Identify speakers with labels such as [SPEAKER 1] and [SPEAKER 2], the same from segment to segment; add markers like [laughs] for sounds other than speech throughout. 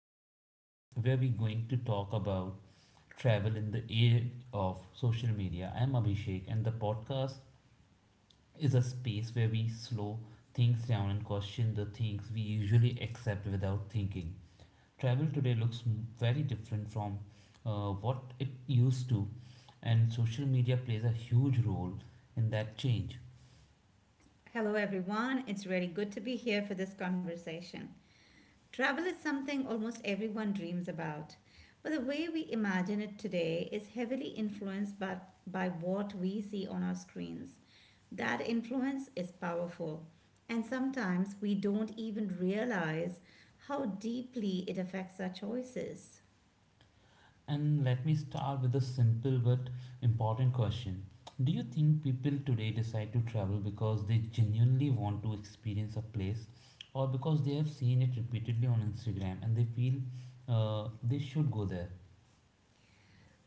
[SPEAKER 1] series where we're going to talk about travel in the age of social media. I'm Abhishek and the podcast is a space where we slow things down and question the things we usually accept without thinking. Travel today looks very different from what it used to, and social media plays a huge role in that change.
[SPEAKER 2] Hello, everyone. It's really good to be here for this conversation. Travel is something almost everyone dreams about, but the way we imagine it today is heavily influenced by what we see on our screens. That influence is powerful, and sometimes we don't even realize how deeply it affects our choices.
[SPEAKER 1] And let me start with a simple but important question. Do you think people today decide to travel because they genuinely want to experience a place, or because they have seen it repeatedly on Instagram and they feel they should go there?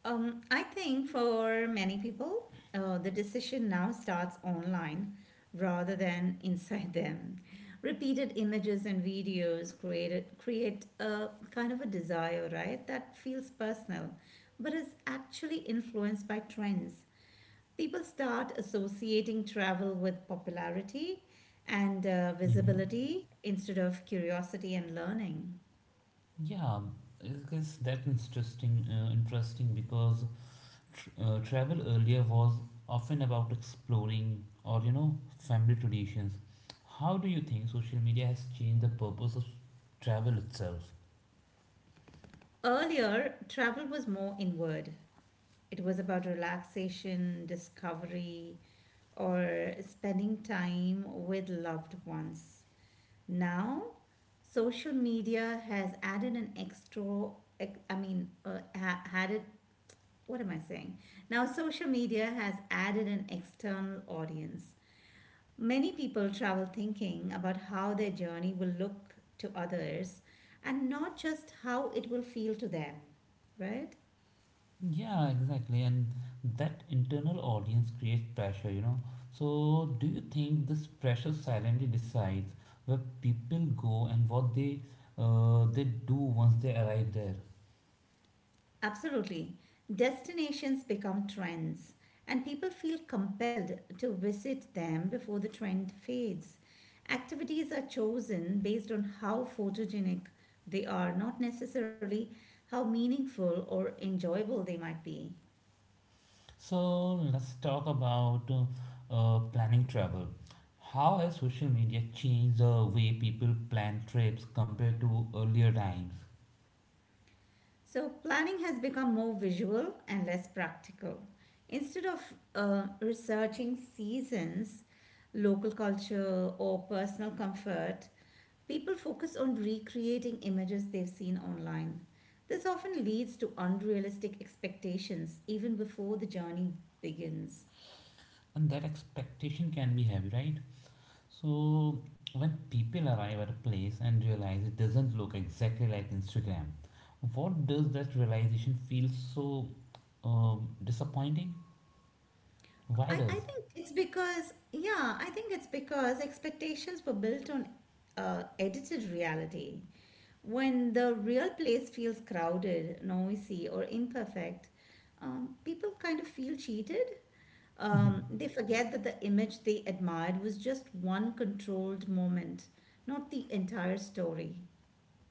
[SPEAKER 2] I think for many people, the decision now starts online rather than inside them. Repeated images and videos create a kind of a desire, right? That feels personal, but is actually influenced by trends. People start associating travel with popularity and
[SPEAKER 1] Mm-hmm.
[SPEAKER 2] visibility instead of curiosity and learning.
[SPEAKER 1] Yeah, I guess that's interesting because travel earlier was often about exploring or, you know, family traditions. How do you think social media has changed the purpose of travel itself?
[SPEAKER 2] Earlier, travel was more inward. It was about relaxation, discovery, or spending time with loved ones. Now, social media has added an extra, ex- I mean, ha- added, what am I saying? Now, social media has added an external audience. Many people travel thinking about how their journey will look to others and not just how it will feel to them, right?
[SPEAKER 1] Yeah, exactly. And that internal audience creates pressure. So, do you think this pressure silently decides where people go and what they do once they arrive there?
[SPEAKER 2] Absolutely. Destinations become trends, and people feel compelled to visit them before the trend fades. Activities are chosen based on how photogenic they are, not necessarily how meaningful or enjoyable they might be.
[SPEAKER 1] So, let's talk about planning travel. How has social media changed the way people plan trips compared to earlier times?
[SPEAKER 2] So, planning has become more visual and less practical. Instead of researching seasons, local culture, or personal comfort, people focus on recreating images they've seen online. This often leads to unrealistic expectations even before the journey begins.
[SPEAKER 1] And that expectation can be heavy, right? So, when people arrive at a place and realize it doesn't look exactly like Instagram, what does that realization feel so disappointing? Why
[SPEAKER 2] I
[SPEAKER 1] does?
[SPEAKER 2] think it's because, yeah, I think it's because expectations were built on edited reality. When the real place feels crowded, noisy, or imperfect, people kind of feel cheated. They forget that the image they admired was just one controlled moment, not the entire story.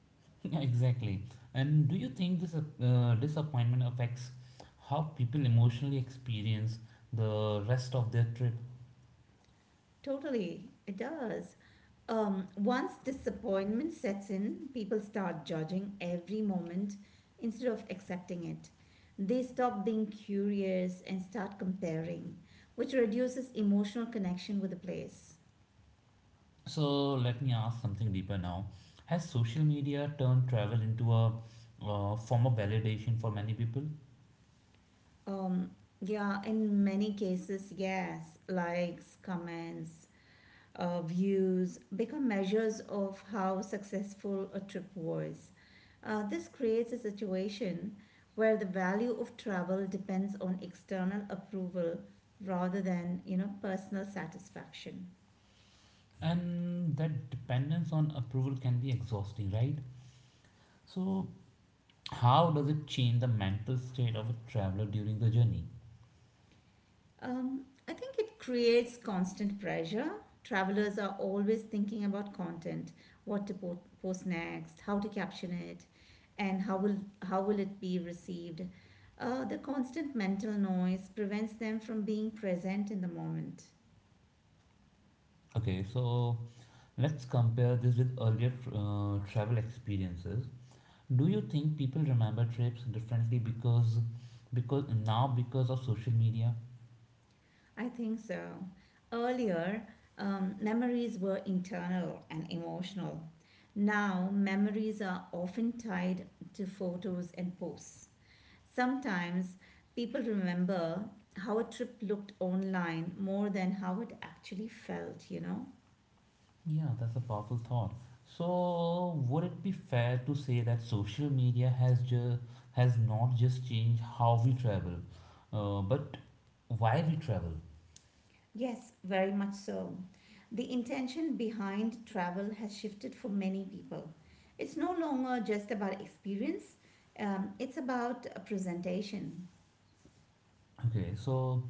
[SPEAKER 1] [laughs] Yeah, exactly. And do you think this disappointment affects how people emotionally experience the rest of their trip?
[SPEAKER 2] Totally, it does. Once disappointment sets in, people start judging every moment instead of accepting it. They stop being curious and start comparing, which reduces emotional connection with the place.
[SPEAKER 1] So, let me ask something deeper now. Has social media turned travel into a form of validation for many people?
[SPEAKER 2] Um, yeah, in many cases, yes, likes, comments, views become measures of how successful a trip was. This creates a situation where the value of travel depends on external approval rather than you know personal satisfaction.
[SPEAKER 1] And that dependence on approval can be exhausting, right? So, how does it change the mental state of a traveler during the journey?
[SPEAKER 2] Um, I think it creates constant pressure. Travelers are always thinking about content, what to post next, how to caption it, and how will it be received. The constant mental noise prevents them from being present in the moment.
[SPEAKER 1] Okay, so let's compare this with earlier travel experiences. Do you think people remember trips differently because of social media?
[SPEAKER 2] I think so. Earlier, memories were internal and emotional. Now, memories are often tied to photos and posts. Sometimes people remember how a trip looked online more than how it actually felt, you know?
[SPEAKER 1] Yeah, that's a powerful thought. So, would it be fair to say that social media has not just changed how we travel, but why we travel?
[SPEAKER 2] Yes, very much so. The intention behind travel has shifted for many people. It's no longer just about experience, it's about a presentation.
[SPEAKER 1] Okay, so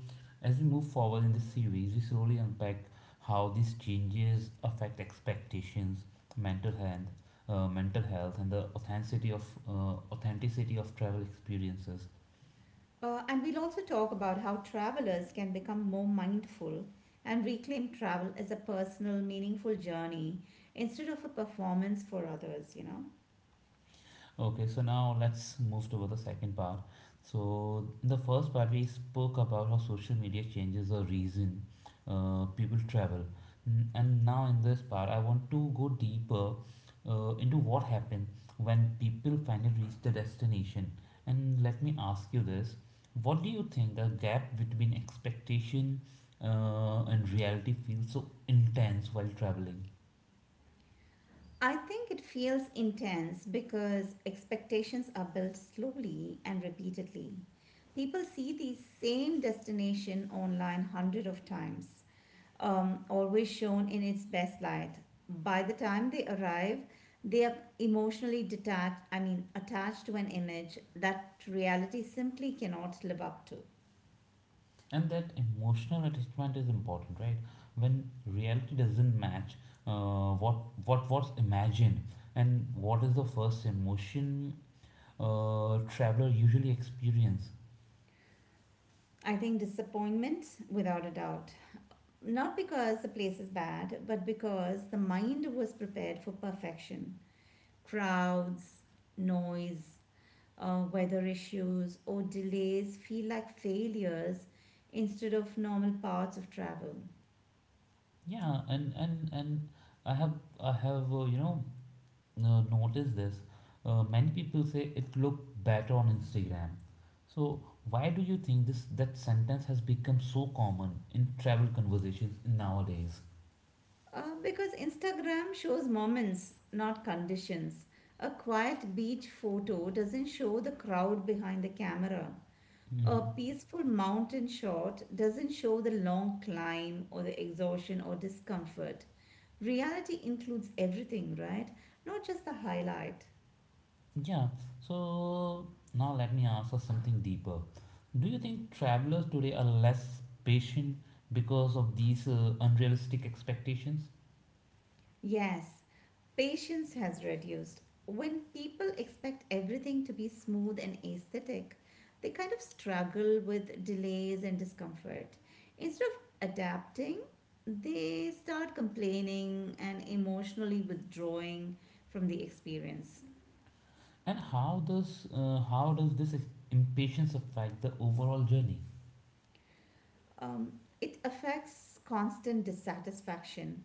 [SPEAKER 1] as we move forward in this series, we slowly unpack how these changes affect expectations, mental health, mental health, and the authenticity of travel experiences.
[SPEAKER 2] And we'll also talk about how travelers can become more mindful and reclaim travel as a personal, meaningful journey instead of a performance for others, you know?
[SPEAKER 1] Okay, so now let's move toward the second part. So, in the first part, we spoke about how social media changes the reason people travel. And now, in this part, I want to go deeper into what happened when people finally reach their destination. And let me ask you this: what do you think the gap between expectation and reality feels so intense while traveling?
[SPEAKER 2] I think it feels intense because expectations are built slowly and repeatedly. People see the same destination online hundred of times, always shown in its best light. By the time they arrive, they are emotionally attached to an image that reality simply cannot live up to.
[SPEAKER 1] And that emotional attachment is important, right? When reality doesn't match uh, what what was imagined, and what is the first emotion traveler usually experience?
[SPEAKER 2] I think disappointment, without a doubt. Not because the place is bad, but because the mind was prepared for perfection. Crowds, noise, weather issues, or delays feel like failures instead of normal parts of travel.
[SPEAKER 1] Yeah, and i have I have noticed this. Many people say it looked better on Instagram. So, why do you think this that sentence has become so common in travel conversations nowadays?
[SPEAKER 2] Because Instagram shows moments, not conditions. A quiet beach photo doesn't show the crowd behind the camera. A
[SPEAKER 1] Mm-hmm.
[SPEAKER 2] peaceful mountain shot doesn't show the long climb or the exhaustion or discomfort. Reality includes everything, right? Not just the highlight.
[SPEAKER 1] Yeah, so now let me ask us something deeper. Do you think travelers today are less patient because of these unrealistic expectations?
[SPEAKER 2] Yes, patience has reduced. When people expect everything to be smooth and aesthetic, they kind of struggle with delays and discomfort. Instead of adapting, they start complaining and emotionally withdrawing from the experience.
[SPEAKER 1] And how does this impatience affect the overall journey?
[SPEAKER 2] Um, it affects constant dissatisfaction.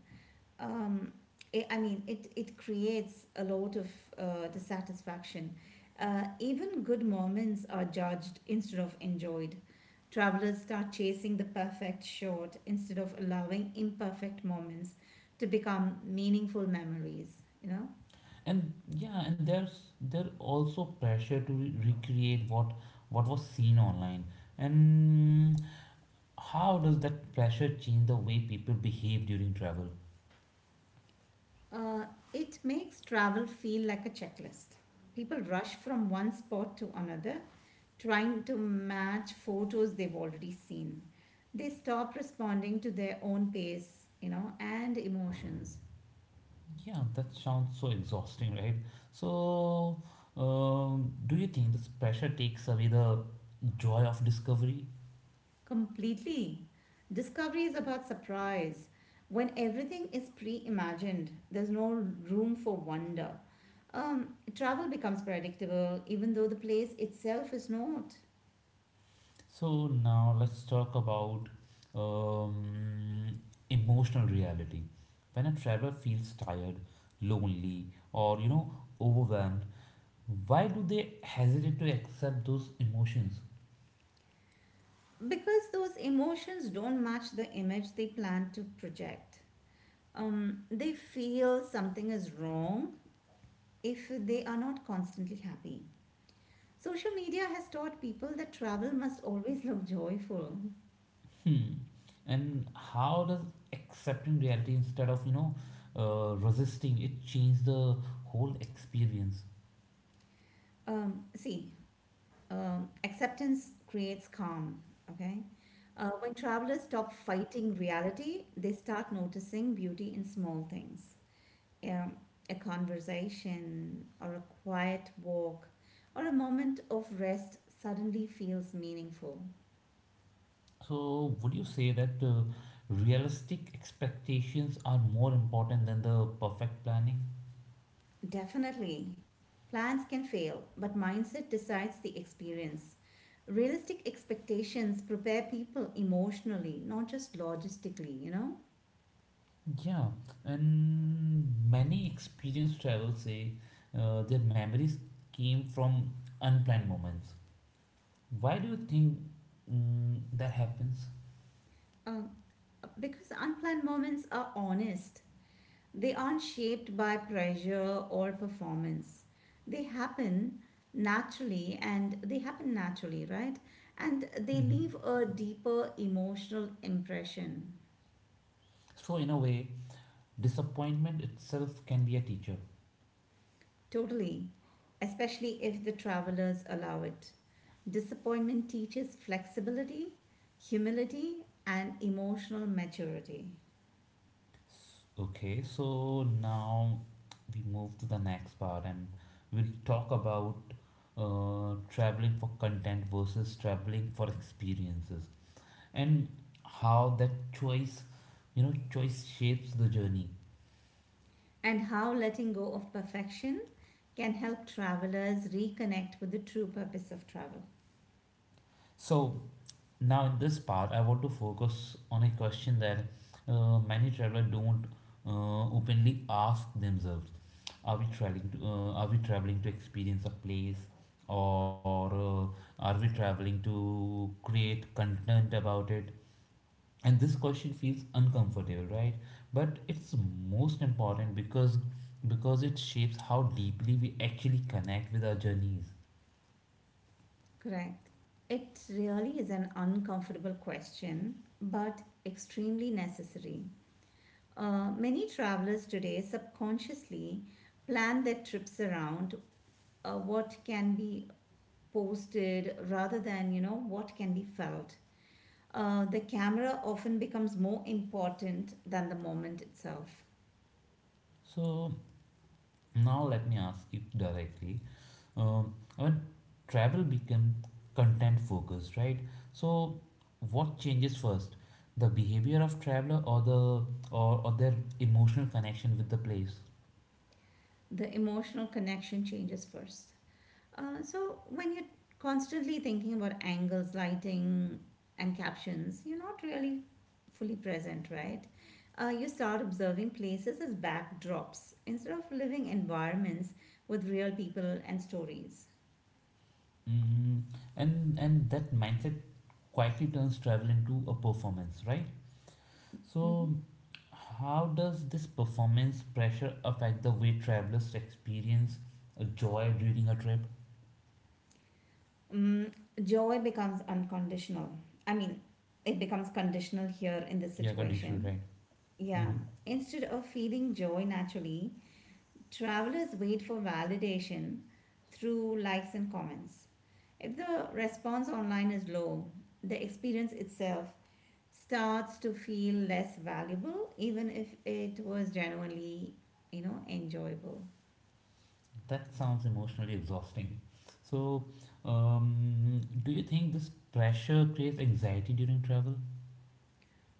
[SPEAKER 2] Um, I mean, it creates a lot of dissatisfaction. Even good moments are judged instead of enjoyed. Travelers start chasing the perfect shot instead of allowing imperfect moments to become meaningful memories, you know?
[SPEAKER 1] And, yeah, and there's there also pressure to recreate what was seen online. And how does that pressure change the way people behave during travel?
[SPEAKER 2] Uh, it makes travel feel like a checklist. People rush from one spot to another, trying to match photos they've already seen. They stop responding to their own pace, you know, and emotions
[SPEAKER 1] Yeah, that sounds so exhausting, right? So, do you think this pressure takes away the joy of discovery?
[SPEAKER 2] completely. Discovery is about surprise. When everything is pre imagined, there's no room for wonder. Travel becomes predictable, even though the place itself is not.
[SPEAKER 1] So, now let's talk about um, emotional reality. When a traveler feels tired, lonely, or overwhelmed, why do they hesitate to accept those emotions?
[SPEAKER 2] Because those emotions don't match the image they plan to project. They feel something is wrong if they are not constantly happy. Social media has taught people that travel must always look joyful.
[SPEAKER 1] Hmm. And how does accepting reality instead of, resisting it change the whole experience?
[SPEAKER 2] See, acceptance creates calm, okay? When travelers stop fighting reality, they start noticing beauty in small things. um, a conversation or a quiet walk or a moment of rest suddenly feels meaningful.
[SPEAKER 1] So, would you say that realistic expectations are more important than the perfect planning?
[SPEAKER 2] Definitely, plans can fail, but mindset decides the experience. Realistic expectations prepare people emotionally, not just logistically, you know?
[SPEAKER 1] Yeah, and many experienced travelers say their memories came from unplanned moments. Why do you think that happens?
[SPEAKER 2] Um, because unplanned moments are honest. They aren't shaped by pressure or performance. They happen naturally and they happen naturally, right? And they
[SPEAKER 1] Hmm.
[SPEAKER 2] leave a deeper emotional impression.
[SPEAKER 1] So, in a way, disappointment itself can be a teacher.
[SPEAKER 2] Totally, especially if the travelers allow it. Disappointment teaches flexibility, humility, and emotional maturity,
[SPEAKER 1] Okay, so now we move to the next part, and we'll talk about traveling for content versus traveling for experiences, and how that choice you know choice shapes the journey.
[SPEAKER 2] and how letting go of perfection can help travelers reconnect with the true purpose of travel.
[SPEAKER 1] So now, in this part, I want to focus on a question that many travelers don't openly ask themselves: Are we traveling to Are we traveling to experience a place, or are we traveling to create content about it? And this question feels uncomfortable, right? But it's most important because it shapes how deeply we actually connect with our journeys.
[SPEAKER 2] Correct. It really is an uncomfortable question, but extremely necessary. Many travelers today subconsciously plan their trips around what can be posted rather than, you know, what can be felt. The camera often becomes more important than the moment itself.
[SPEAKER 1] So now let me ask you directly. When travel become content focused, right? So, what changes first, the behavior of traveler, or their emotional connection with the place?
[SPEAKER 2] The emotional connection changes first. So when you're constantly thinking about angles, lighting, and captions, you're not really fully present, right? You start observing places as backdrops instead of living environments with real people and stories.
[SPEAKER 1] Mm, and that mindset quietly turns travel into a performance, right?
[SPEAKER 2] Mhm.
[SPEAKER 1] So, how does this performance pressure affect the way travelers experience a joy during a trip?
[SPEAKER 2] Mm, joy becomes unconditional. I mean, it becomes conditional here in this
[SPEAKER 1] Yeah, conditional,
[SPEAKER 2] situation.
[SPEAKER 1] right?
[SPEAKER 2] Yeah.
[SPEAKER 1] Mm-hmm.
[SPEAKER 2] Instead of feeling joy naturally, travelers wait for validation through likes and comments. If the response online is low, the experience itself starts to feel less valuable, even if it was genuinely, you know, enjoyable.
[SPEAKER 1] That sounds emotionally exhausting. So, do you think this pressure creates anxiety during travel?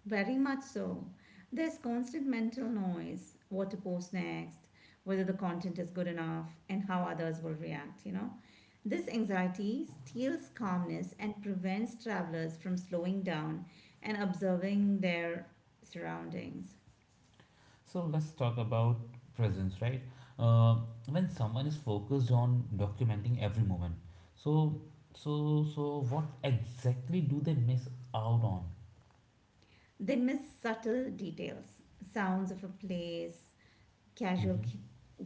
[SPEAKER 2] Very much so. There's constant mental noise: what to post next, whether the content is good enough, and how others will react, you know. This anxiety steals calmness and prevents travelers from slowing down and observing their surroundings.
[SPEAKER 1] So, let's talk about presence, right? Uh, when someone is focused on documenting every moment, so so what exactly do they miss out on?
[SPEAKER 2] They miss subtle details, sounds of a place, casual
[SPEAKER 1] Mm-hmm.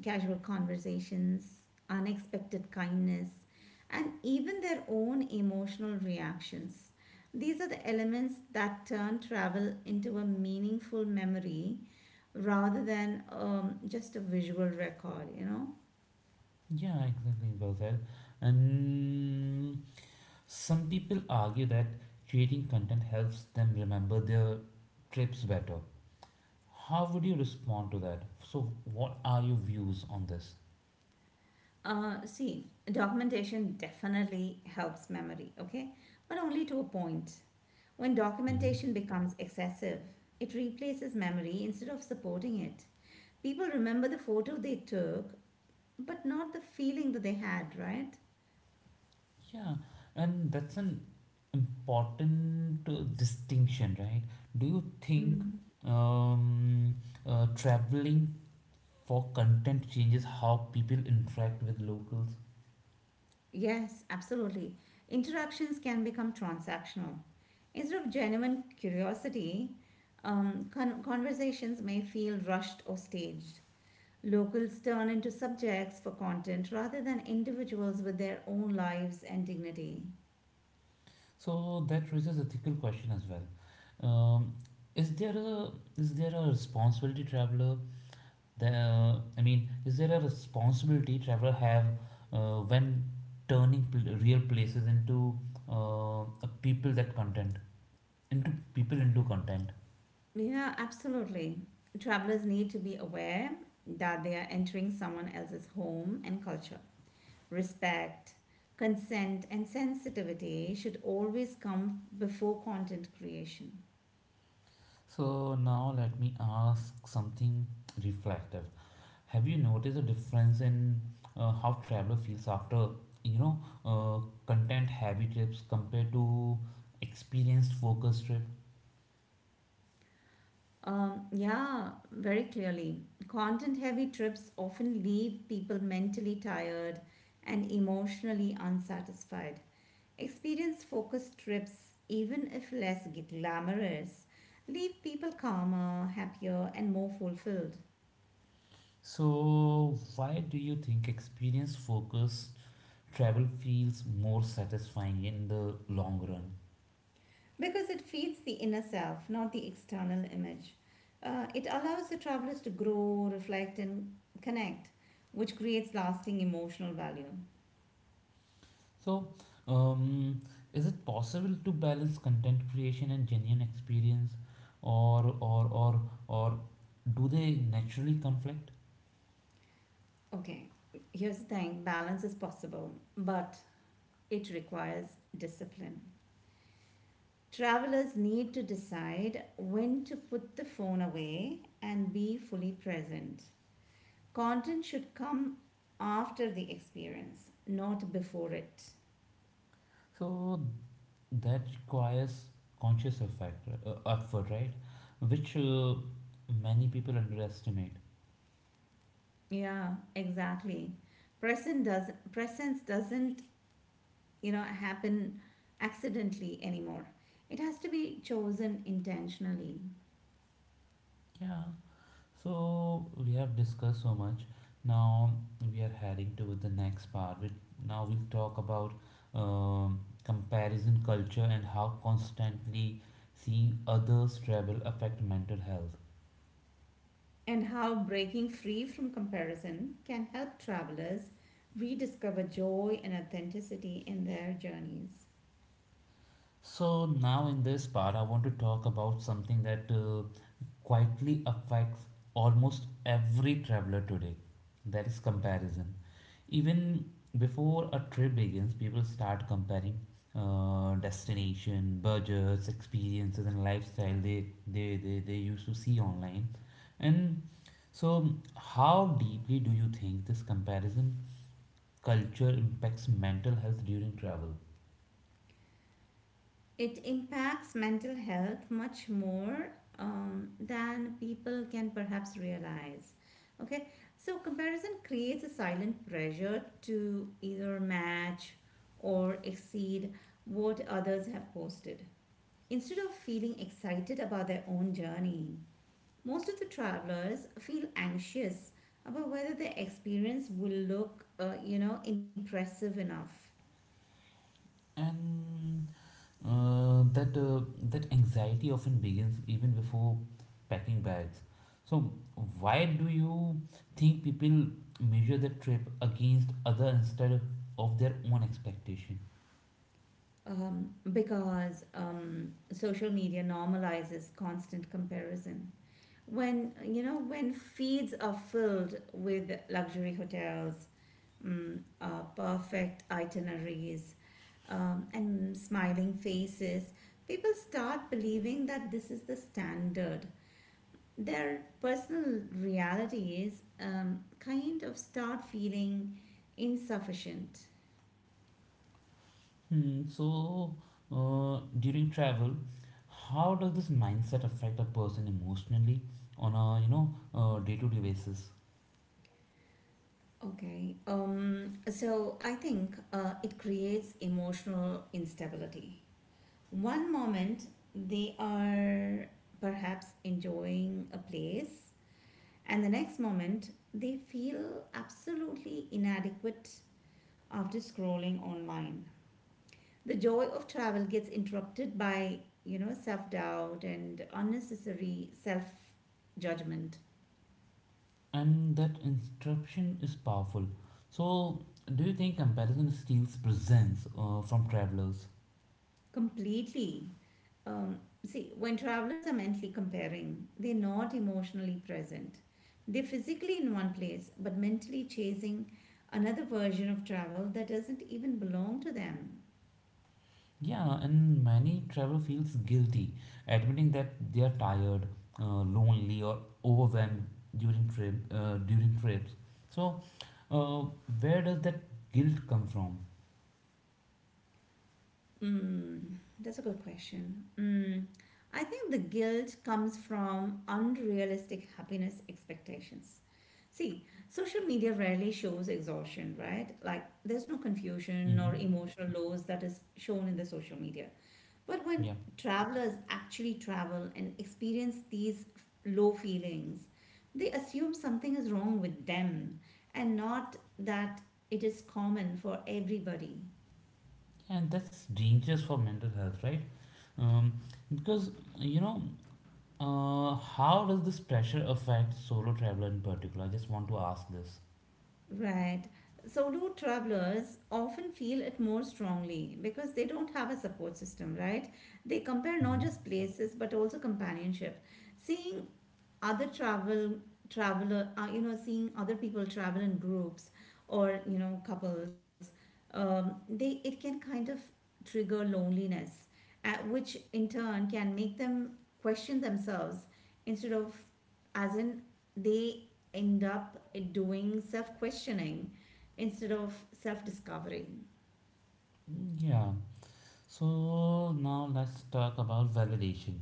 [SPEAKER 2] casual conversations, unexpected kindness, and even their own emotional reactions. These are the elements that turn travel into a meaningful memory rather than just a visual record, you know.
[SPEAKER 1] Yeah, exactly. Well said. And some people argue that creating content helps them remember their trips better. How would you respond to that? So, what are your views on this?
[SPEAKER 2] See, documentation definitely helps memory, okay? But only to a point. When
[SPEAKER 1] Hmm.
[SPEAKER 2] documentation becomes excessive, it replaces memory instead of supporting it. People remember the photo they took, but not the feeling that they had, right?
[SPEAKER 1] Yeah, and that's an important distinction, right? Do you think
[SPEAKER 2] Mm.
[SPEAKER 1] um, traveling for content changes how people interact with locals?
[SPEAKER 2] Yes, absolutely. Interactions can become transactional. Instead of genuine curiosity, conversations may feel rushed or staged. Locals turn into subjects for content rather than individuals with their own lives and dignity.
[SPEAKER 1] So that raises ethical question as well. Um, is there a is there a responsibility traveler I mean, is there a responsibility traveler have when turning real places into a people that content into people into content?
[SPEAKER 2] Yeah, absolutely. Travelers need to be aware that they are entering someone else's home and culture. Respect, consent, and sensitivity should always come before content creation.
[SPEAKER 1] So now let me ask something reflective. Have you noticed a difference in how traveler feels after you know uh, content heavy trips compared to experienced focus trip?
[SPEAKER 2] Yeah, very clearly. Content heavy trips often leave people mentally tired and emotionally unsatisfied. Experience focused trips, even if less glamorous, leave people calmer, happier, and more fulfilled
[SPEAKER 1] So why do you think experience focus travel feels more satisfying in the long run.
[SPEAKER 2] because it feeds the inner self, not the external image. It allows the travelers to grow, reflect, and connect, which creates lasting emotional value.
[SPEAKER 1] So, um, is it possible to balance content creation and genuine experience, or or or or do they naturally conflict?
[SPEAKER 2] Okay, here's the thing: balance is possible, but it requires discipline. Travelers need to decide when to put the phone away and be fully present. Content should come after the experience, not before it.
[SPEAKER 1] So that requires conscious effort, right? Which many people underestimate.
[SPEAKER 2] Yeah, exactly. Present does presence doesn't, you know, happen accidentally anymore. It has to be chosen intentionally.
[SPEAKER 1] Yeah. So we have discussed so much. Now we are heading to the next part. Now we'll talk about comparison culture and how constantly seeing others travel affect mental health.
[SPEAKER 2] And how breaking free from comparison can help travelers rediscover joy and authenticity in their journeys.
[SPEAKER 1] So now in this part, I want to talk about something that quietly affects almost every traveler today. That is comparison. Even before a trip begins, people start comparing destination, budgets, experiences, and lifestyle they used to see online. And so, how deeply do you think this comparison culture impacts mental health during travel?
[SPEAKER 2] It impacts mental health much more than people can perhaps realize. Okay, so comparison creates a silent pressure to either match or exceed what others have posted instead of feeling excited about their own journey. Most of the travelers feel anxious about whether their experience will look, you know, impressive enough
[SPEAKER 1] And that anxiety often begins even before packing bags. So why do you think people measure the trip against other instead of their own expectation?
[SPEAKER 2] because social media normalizes constant comparison. When, you know, when feeds are filled with luxury hotels, perfect itineraries, and smiling faces, people start believing that this is the standard. Their personal realities kind of start feeling insufficient.
[SPEAKER 1] Hmm, so during travel, how does this mindset affect a person emotionally on a day-to-day basis?
[SPEAKER 2] Okay, so I think it creates emotional instability. One moment they are perhaps enjoying a place, and the next moment they feel absolutely inadequate after scrolling online. The joy of travel gets interrupted by you know self doubt and unnecessary self judgment
[SPEAKER 1] And that instruction is powerful. So do you think comparison steals presence from travelers?
[SPEAKER 2] completely. Um, see, when travelers are mentally comparing, they're not emotionally present. They're physically in one place but mentally chasing another version of travel that doesn't even belong to them.
[SPEAKER 1] Yeah, and many travel feels guilty admitting that they are tired, lonely, or overwhelmed during trips. So, uh, where does that guilt come from?
[SPEAKER 2] Mm, that's a good question. Mm, I think the guilt comes from unrealistic happiness expectations. See, social media rarely shows exhaustion, right? Like there's no confusion
[SPEAKER 1] Mm-hmm.
[SPEAKER 2] or emotional lows that is shown in the social media. But when
[SPEAKER 1] Yeah,
[SPEAKER 2] travelers actually travel and experience these low feelings, they assume something is wrong with them and not that it is common for everybody.
[SPEAKER 1] and that's dangerous for mental health, right? Um, because you know, how does this pressure affect solo traveler in particular? I just want to ask this.
[SPEAKER 2] Right. Solo travelers often feel it more strongly because they don't have a support system, right? They compare not
[SPEAKER 1] Hmm.
[SPEAKER 2] just places but also companionship. Seeing other travel traveler, you know, seeing other people travel in groups or you know couples, they it can kind of trigger loneliness, which in turn can make them question themselves instead of as in they end up doing self questioning instead of self discovery.
[SPEAKER 1] Yeah. So now let's talk about validation.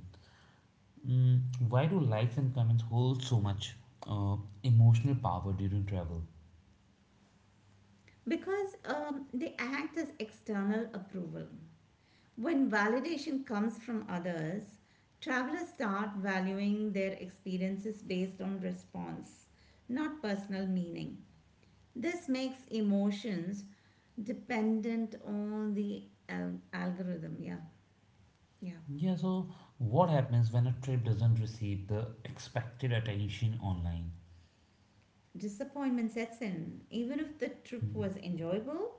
[SPEAKER 1] Mm, why do likes and comments hold so much uh, emotional power during travel?
[SPEAKER 2] Because they act as external approval. When validation comes from others, travelers start valuing their experiences based on response, not personal meaning. This makes emotions dependent on the algorithm. Yeah, yeah.
[SPEAKER 1] Yeah, so what happens when a trip doesn't receive the expected attention online?
[SPEAKER 2] Disappointment sets in. Even if the trip
[SPEAKER 1] Hmm.
[SPEAKER 2] was enjoyable,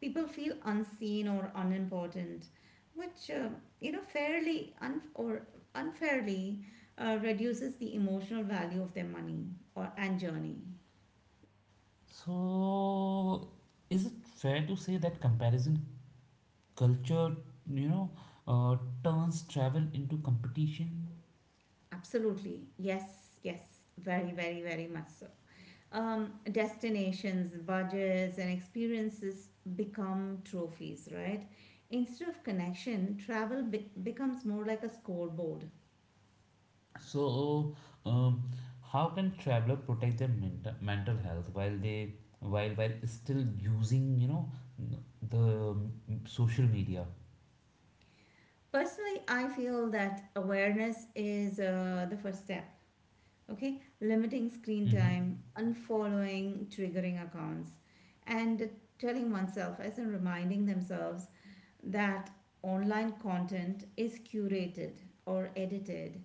[SPEAKER 2] people feel unseen or unimportant, which you know fairly un- or unfairly reduces the emotional value of their money or and journey.
[SPEAKER 1] So, is it fair to say that comparison culture, you know, uh, turns travel into competition?
[SPEAKER 2] Absolutely, yes, yes, very, very, very much so. Destinations, budgets, and experiences become trophies, right? Instead of connection, travel becomes more like a scoreboard.
[SPEAKER 1] So, um, how can traveler protect their mental health while they while still using n- the social media?
[SPEAKER 2] Personally, I feel that awareness is the first step. Okay, limiting screen
[SPEAKER 1] Mm-hmm.
[SPEAKER 2] time, unfollowing triggering accounts, and telling oneself, as in reminding themselves, that online content is curated or edited.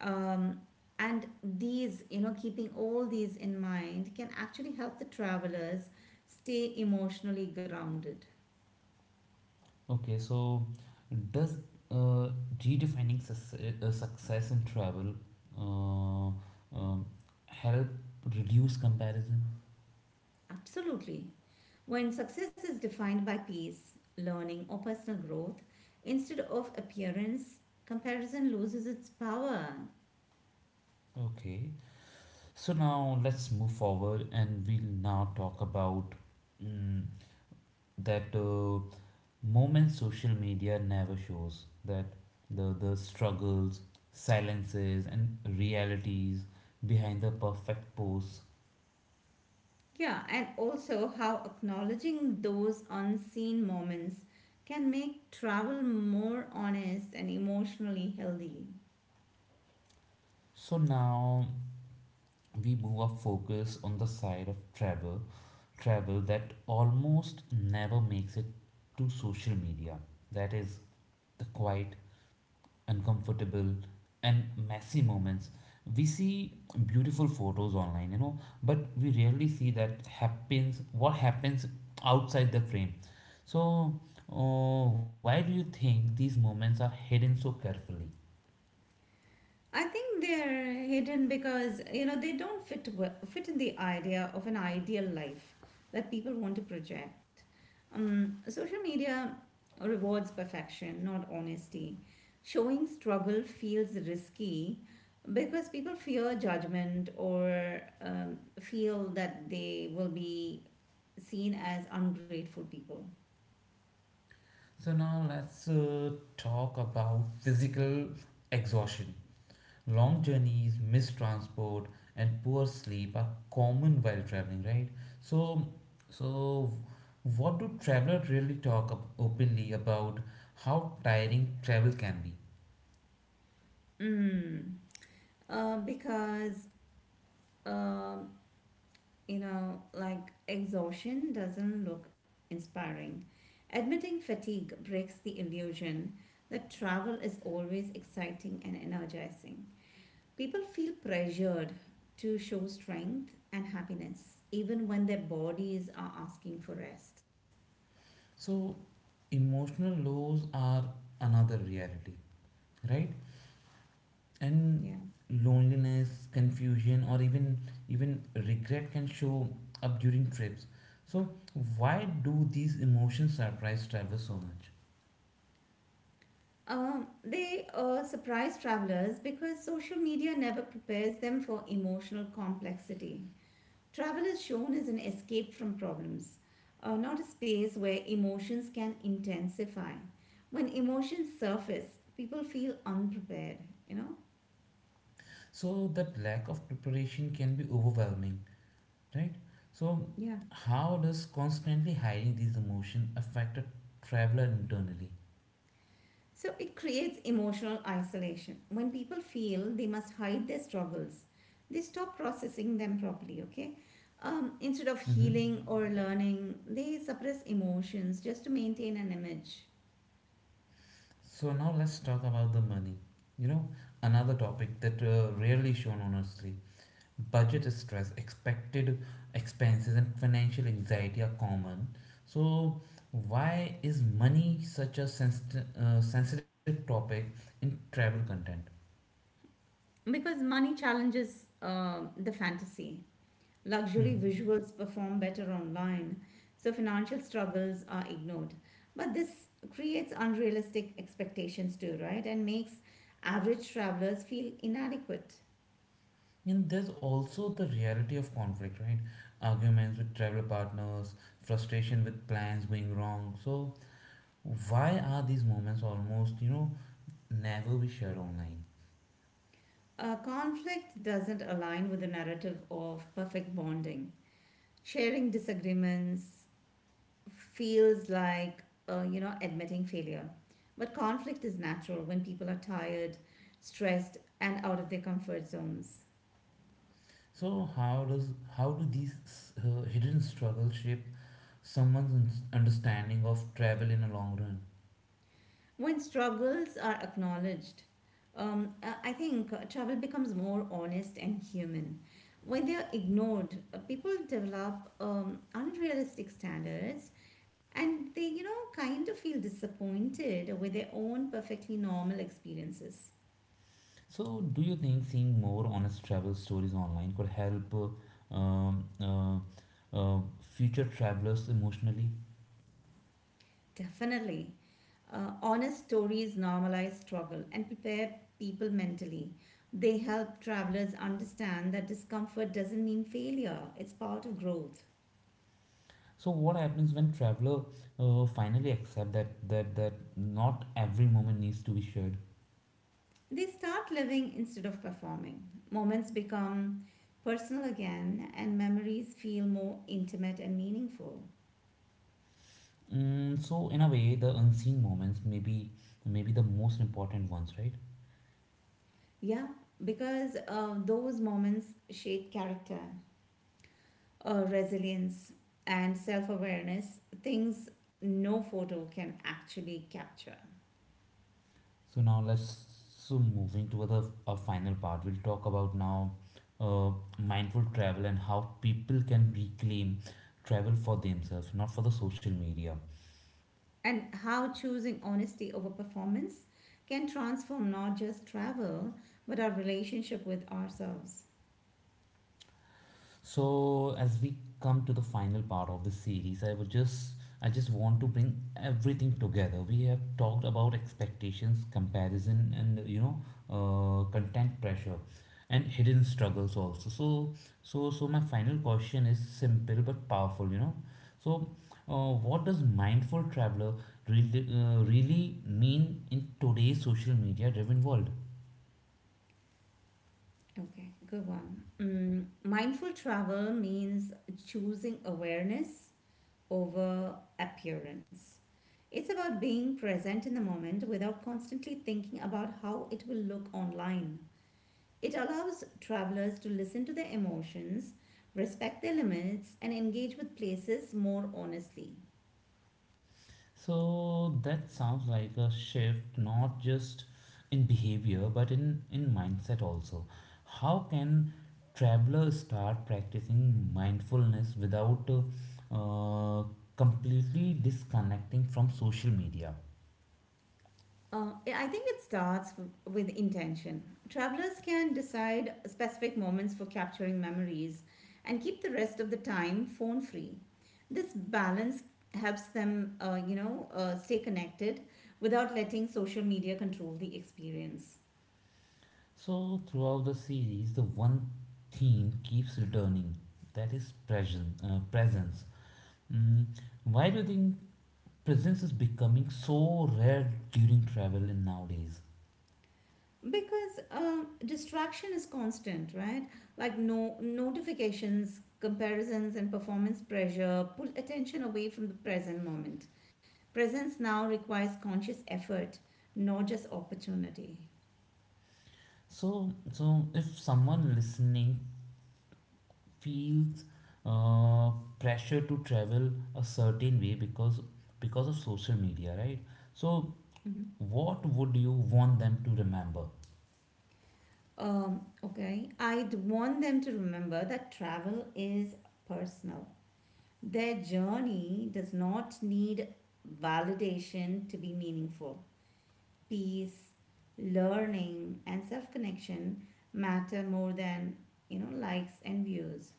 [SPEAKER 2] Um, and these, you know, keeping all these in mind can actually help the travelers stay emotionally grounded.
[SPEAKER 1] Okay, so does uh, redefining success in travel uh, um, help reduce comparison?
[SPEAKER 2] Absolutely. When success is defined by peace, learning, or personal growth, instead of appearance, comparison loses its power.
[SPEAKER 1] Okay, so now let's move forward and we'll now talk about mm, that. Moments social media never shows, that the struggles, silences, and realities behind the perfect posts.
[SPEAKER 2] Yeah, and also how acknowledging those unseen moments can make travel more honest and emotionally healthy.
[SPEAKER 1] So now we move our focus on the side of travel that almost never makes it to social media, that is the quiet, uncomfortable, and messy moments. We see beautiful photos online, but we rarely see that happens what happens outside the frame. So why do you think these moments are hidden so carefully?
[SPEAKER 2] I think they're hidden because you know they don't fit well, fit in the idea of an ideal life that people want to project. Social media rewards perfection, not honesty. Showing struggle feels risky because people fear judgment or feel that they will be seen as ungrateful people.
[SPEAKER 1] So now let's talk about physical exhaustion. Long journeys, missed transport, and poor sleep are common while traveling, right? So, so what do travelers really talk up openly about how tiring travel can be?
[SPEAKER 2] Mm. Because um you know, like exhaustion doesn't look inspiring. Admitting fatigue breaks the illusion that travel is always exciting and energizing. People feel pressured to show strength and happiness, even when their bodies are asking for rest.
[SPEAKER 1] So, emotional lows are another reality, right? And
[SPEAKER 2] Yeah.
[SPEAKER 1] loneliness, confusion, or even regret can show up during trips. So, why do these emotions surprise travelers so much?
[SPEAKER 2] They surprise travelers because social media never prepares them for emotional complexity. Travel is shown as an escape from problems, not a space where emotions can intensify. When emotions surface, people feel unprepared, you know?
[SPEAKER 1] So that lack of preparation can be overwhelming, right? So
[SPEAKER 2] Yeah.
[SPEAKER 1] how does constantly hiding these emotions affect a traveler internally?
[SPEAKER 2] So it creates emotional isolation. When people feel they must hide their struggles, they stop processing them properly, okay? Instead of
[SPEAKER 1] Hmm.
[SPEAKER 2] healing or learning, they suppress emotions just to maintain an image.
[SPEAKER 1] So now let's talk about the money. You know, Another topic that rarely shown honestly. Budget stress, expected expenses, and financial anxiety are common. So why is money such a sensitive topic in travel content?
[SPEAKER 2] Because money challenges the fantasy. Luxury
[SPEAKER 1] Hmm.
[SPEAKER 2] visuals perform better online, so financial struggles are ignored. But this creates unrealistic expectations too, right? And makes average travelers feel inadequate.
[SPEAKER 1] And there's also the reality of conflict, right? Arguments with travel partners, frustration with plans going wrong. So, why are these moments almost never be shared online?
[SPEAKER 2] A conflict doesn't align with the narrative of perfect bonding. Sharing disagreements feels like, you know, admitting failure. But conflict is natural when people are tired, stressed, and out of their comfort zones.
[SPEAKER 1] So, how do these hidden struggles shape someone's understanding of travel in a long run?
[SPEAKER 2] When struggles are acknowledged, I think travel becomes more honest and human. When they are ignored, people develop unrealistic standards and they, you know, kind of feel disappointed with their own perfectly normal experiences.
[SPEAKER 1] So, do you think seeing more honest travel stories online could help future travelers emotionally?
[SPEAKER 2] Definitely. Honest stories normalize struggle and prepare people mentally. They help travelers understand that discomfort doesn't mean failure, it's part of growth.
[SPEAKER 1] So what happens when traveler finally accept that not every moment needs to be shared?
[SPEAKER 2] They start living instead of performing. Moments become personal again, and memories feel more intimate and meaningful.
[SPEAKER 1] So in a way, the unseen moments maybe the most important ones, right?
[SPEAKER 2] Yeah, because those moments shape character, resilience, and self awareness, things no photo can actually capture.
[SPEAKER 1] So now let's so moving to the our final part. We'll talk about now uh, mindful travel and how people can reclaim travel for themselves, not for the social media.
[SPEAKER 2] And how choosing honesty over performance can transform not just travel, but our relationship with ourselves.
[SPEAKER 1] So as we come to the final part of this series, I just want to bring everything together. We have talked about expectations, comparison, and content pressure, and hidden struggles also. So my final question is simple but powerful. So what does mindful traveler really mean in today's social media driven world?
[SPEAKER 2] Okay, good one. Mm, mindful travel means choosing awareness over appearance. It's about being present in the moment without constantly thinking about how it will look online. It allows travelers to listen to their emotions, respect their limits, and engage with places more honestly.
[SPEAKER 1] So that sounds like a shift not just in behavior but in mindset also. How can travelers start practicing mindfulness without uh, completely disconnecting from social media?
[SPEAKER 2] Yeah, I think it starts with intention. Travelers can decide specific moments for capturing memories and keep the rest of the time phone free. This balance helps them, you know, stay connected without letting social media control the experience.
[SPEAKER 1] So throughout the series, the one theme keeps returning, that is presence. Presence. Mm, why do you think presence is becoming so rare during travel in nowadays?
[SPEAKER 2] Because distraction is constant, right? Like no notifications, comparisons, and performance pressure pull attention away from the present moment. Presence now requires conscious effort, not just opportunity.
[SPEAKER 1] So, if someone listening feels uh, pressure to travel a certain way because of social media, right? So,
[SPEAKER 2] Mhm.
[SPEAKER 1] what would you want them to remember?
[SPEAKER 2] Okay, I'd want them to remember that travel is personal. Their journey does not need validation to be meaningful. Peace, learning, and self connection matter more than, you know, likes and views.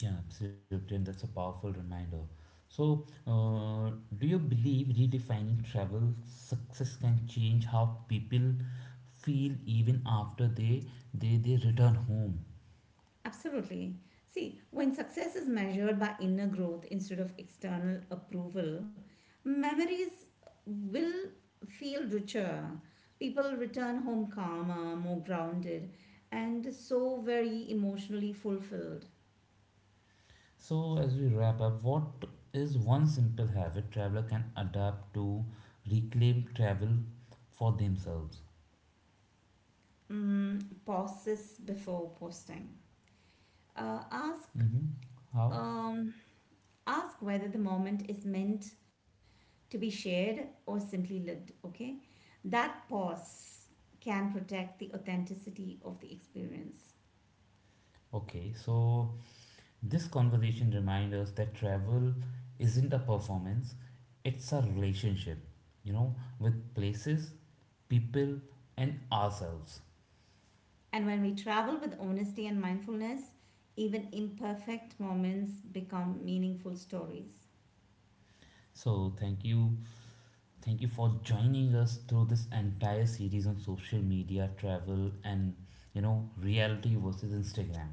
[SPEAKER 1] Yeah, absolutely, and that's a powerful reminder. So, do you believe redefining travel success can change how people feel even after they return home?
[SPEAKER 2] Absolutely. See, when success is measured by inner growth instead of external approval, memories will feel richer. People return home calmer, more grounded, and so very emotionally fulfilled.
[SPEAKER 1] So, as we wrap up, what is one simple habit traveler can adapt to reclaim travel for themselves?
[SPEAKER 2] Mm, pause this before posting. Ask
[SPEAKER 1] Mm-hmm. How?
[SPEAKER 2] um, ask whether the moment is meant to be shared or simply lived, okay? That pause can protect the authenticity of the experience.
[SPEAKER 1] Okay, so this conversation reminds us that travel isn't a performance, it's a relationship, with places, people, and ourselves.
[SPEAKER 2] And when we travel with honesty and mindfulness, even imperfect moments become meaningful stories.
[SPEAKER 1] So, thank you for joining us through this entire series on social media, travel, and reality versus Instagram.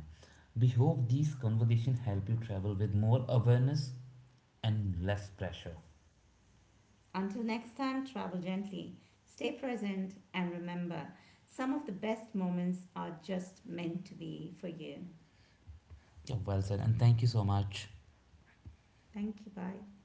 [SPEAKER 1] We hope these conversations help you travel with more awareness and less pressure.
[SPEAKER 2] Until next time, travel gently, stay present, and remember some of the best moments are just meant to be for you.
[SPEAKER 1] Yeah, well said, and thank you so much.
[SPEAKER 2] Thank you. Bye.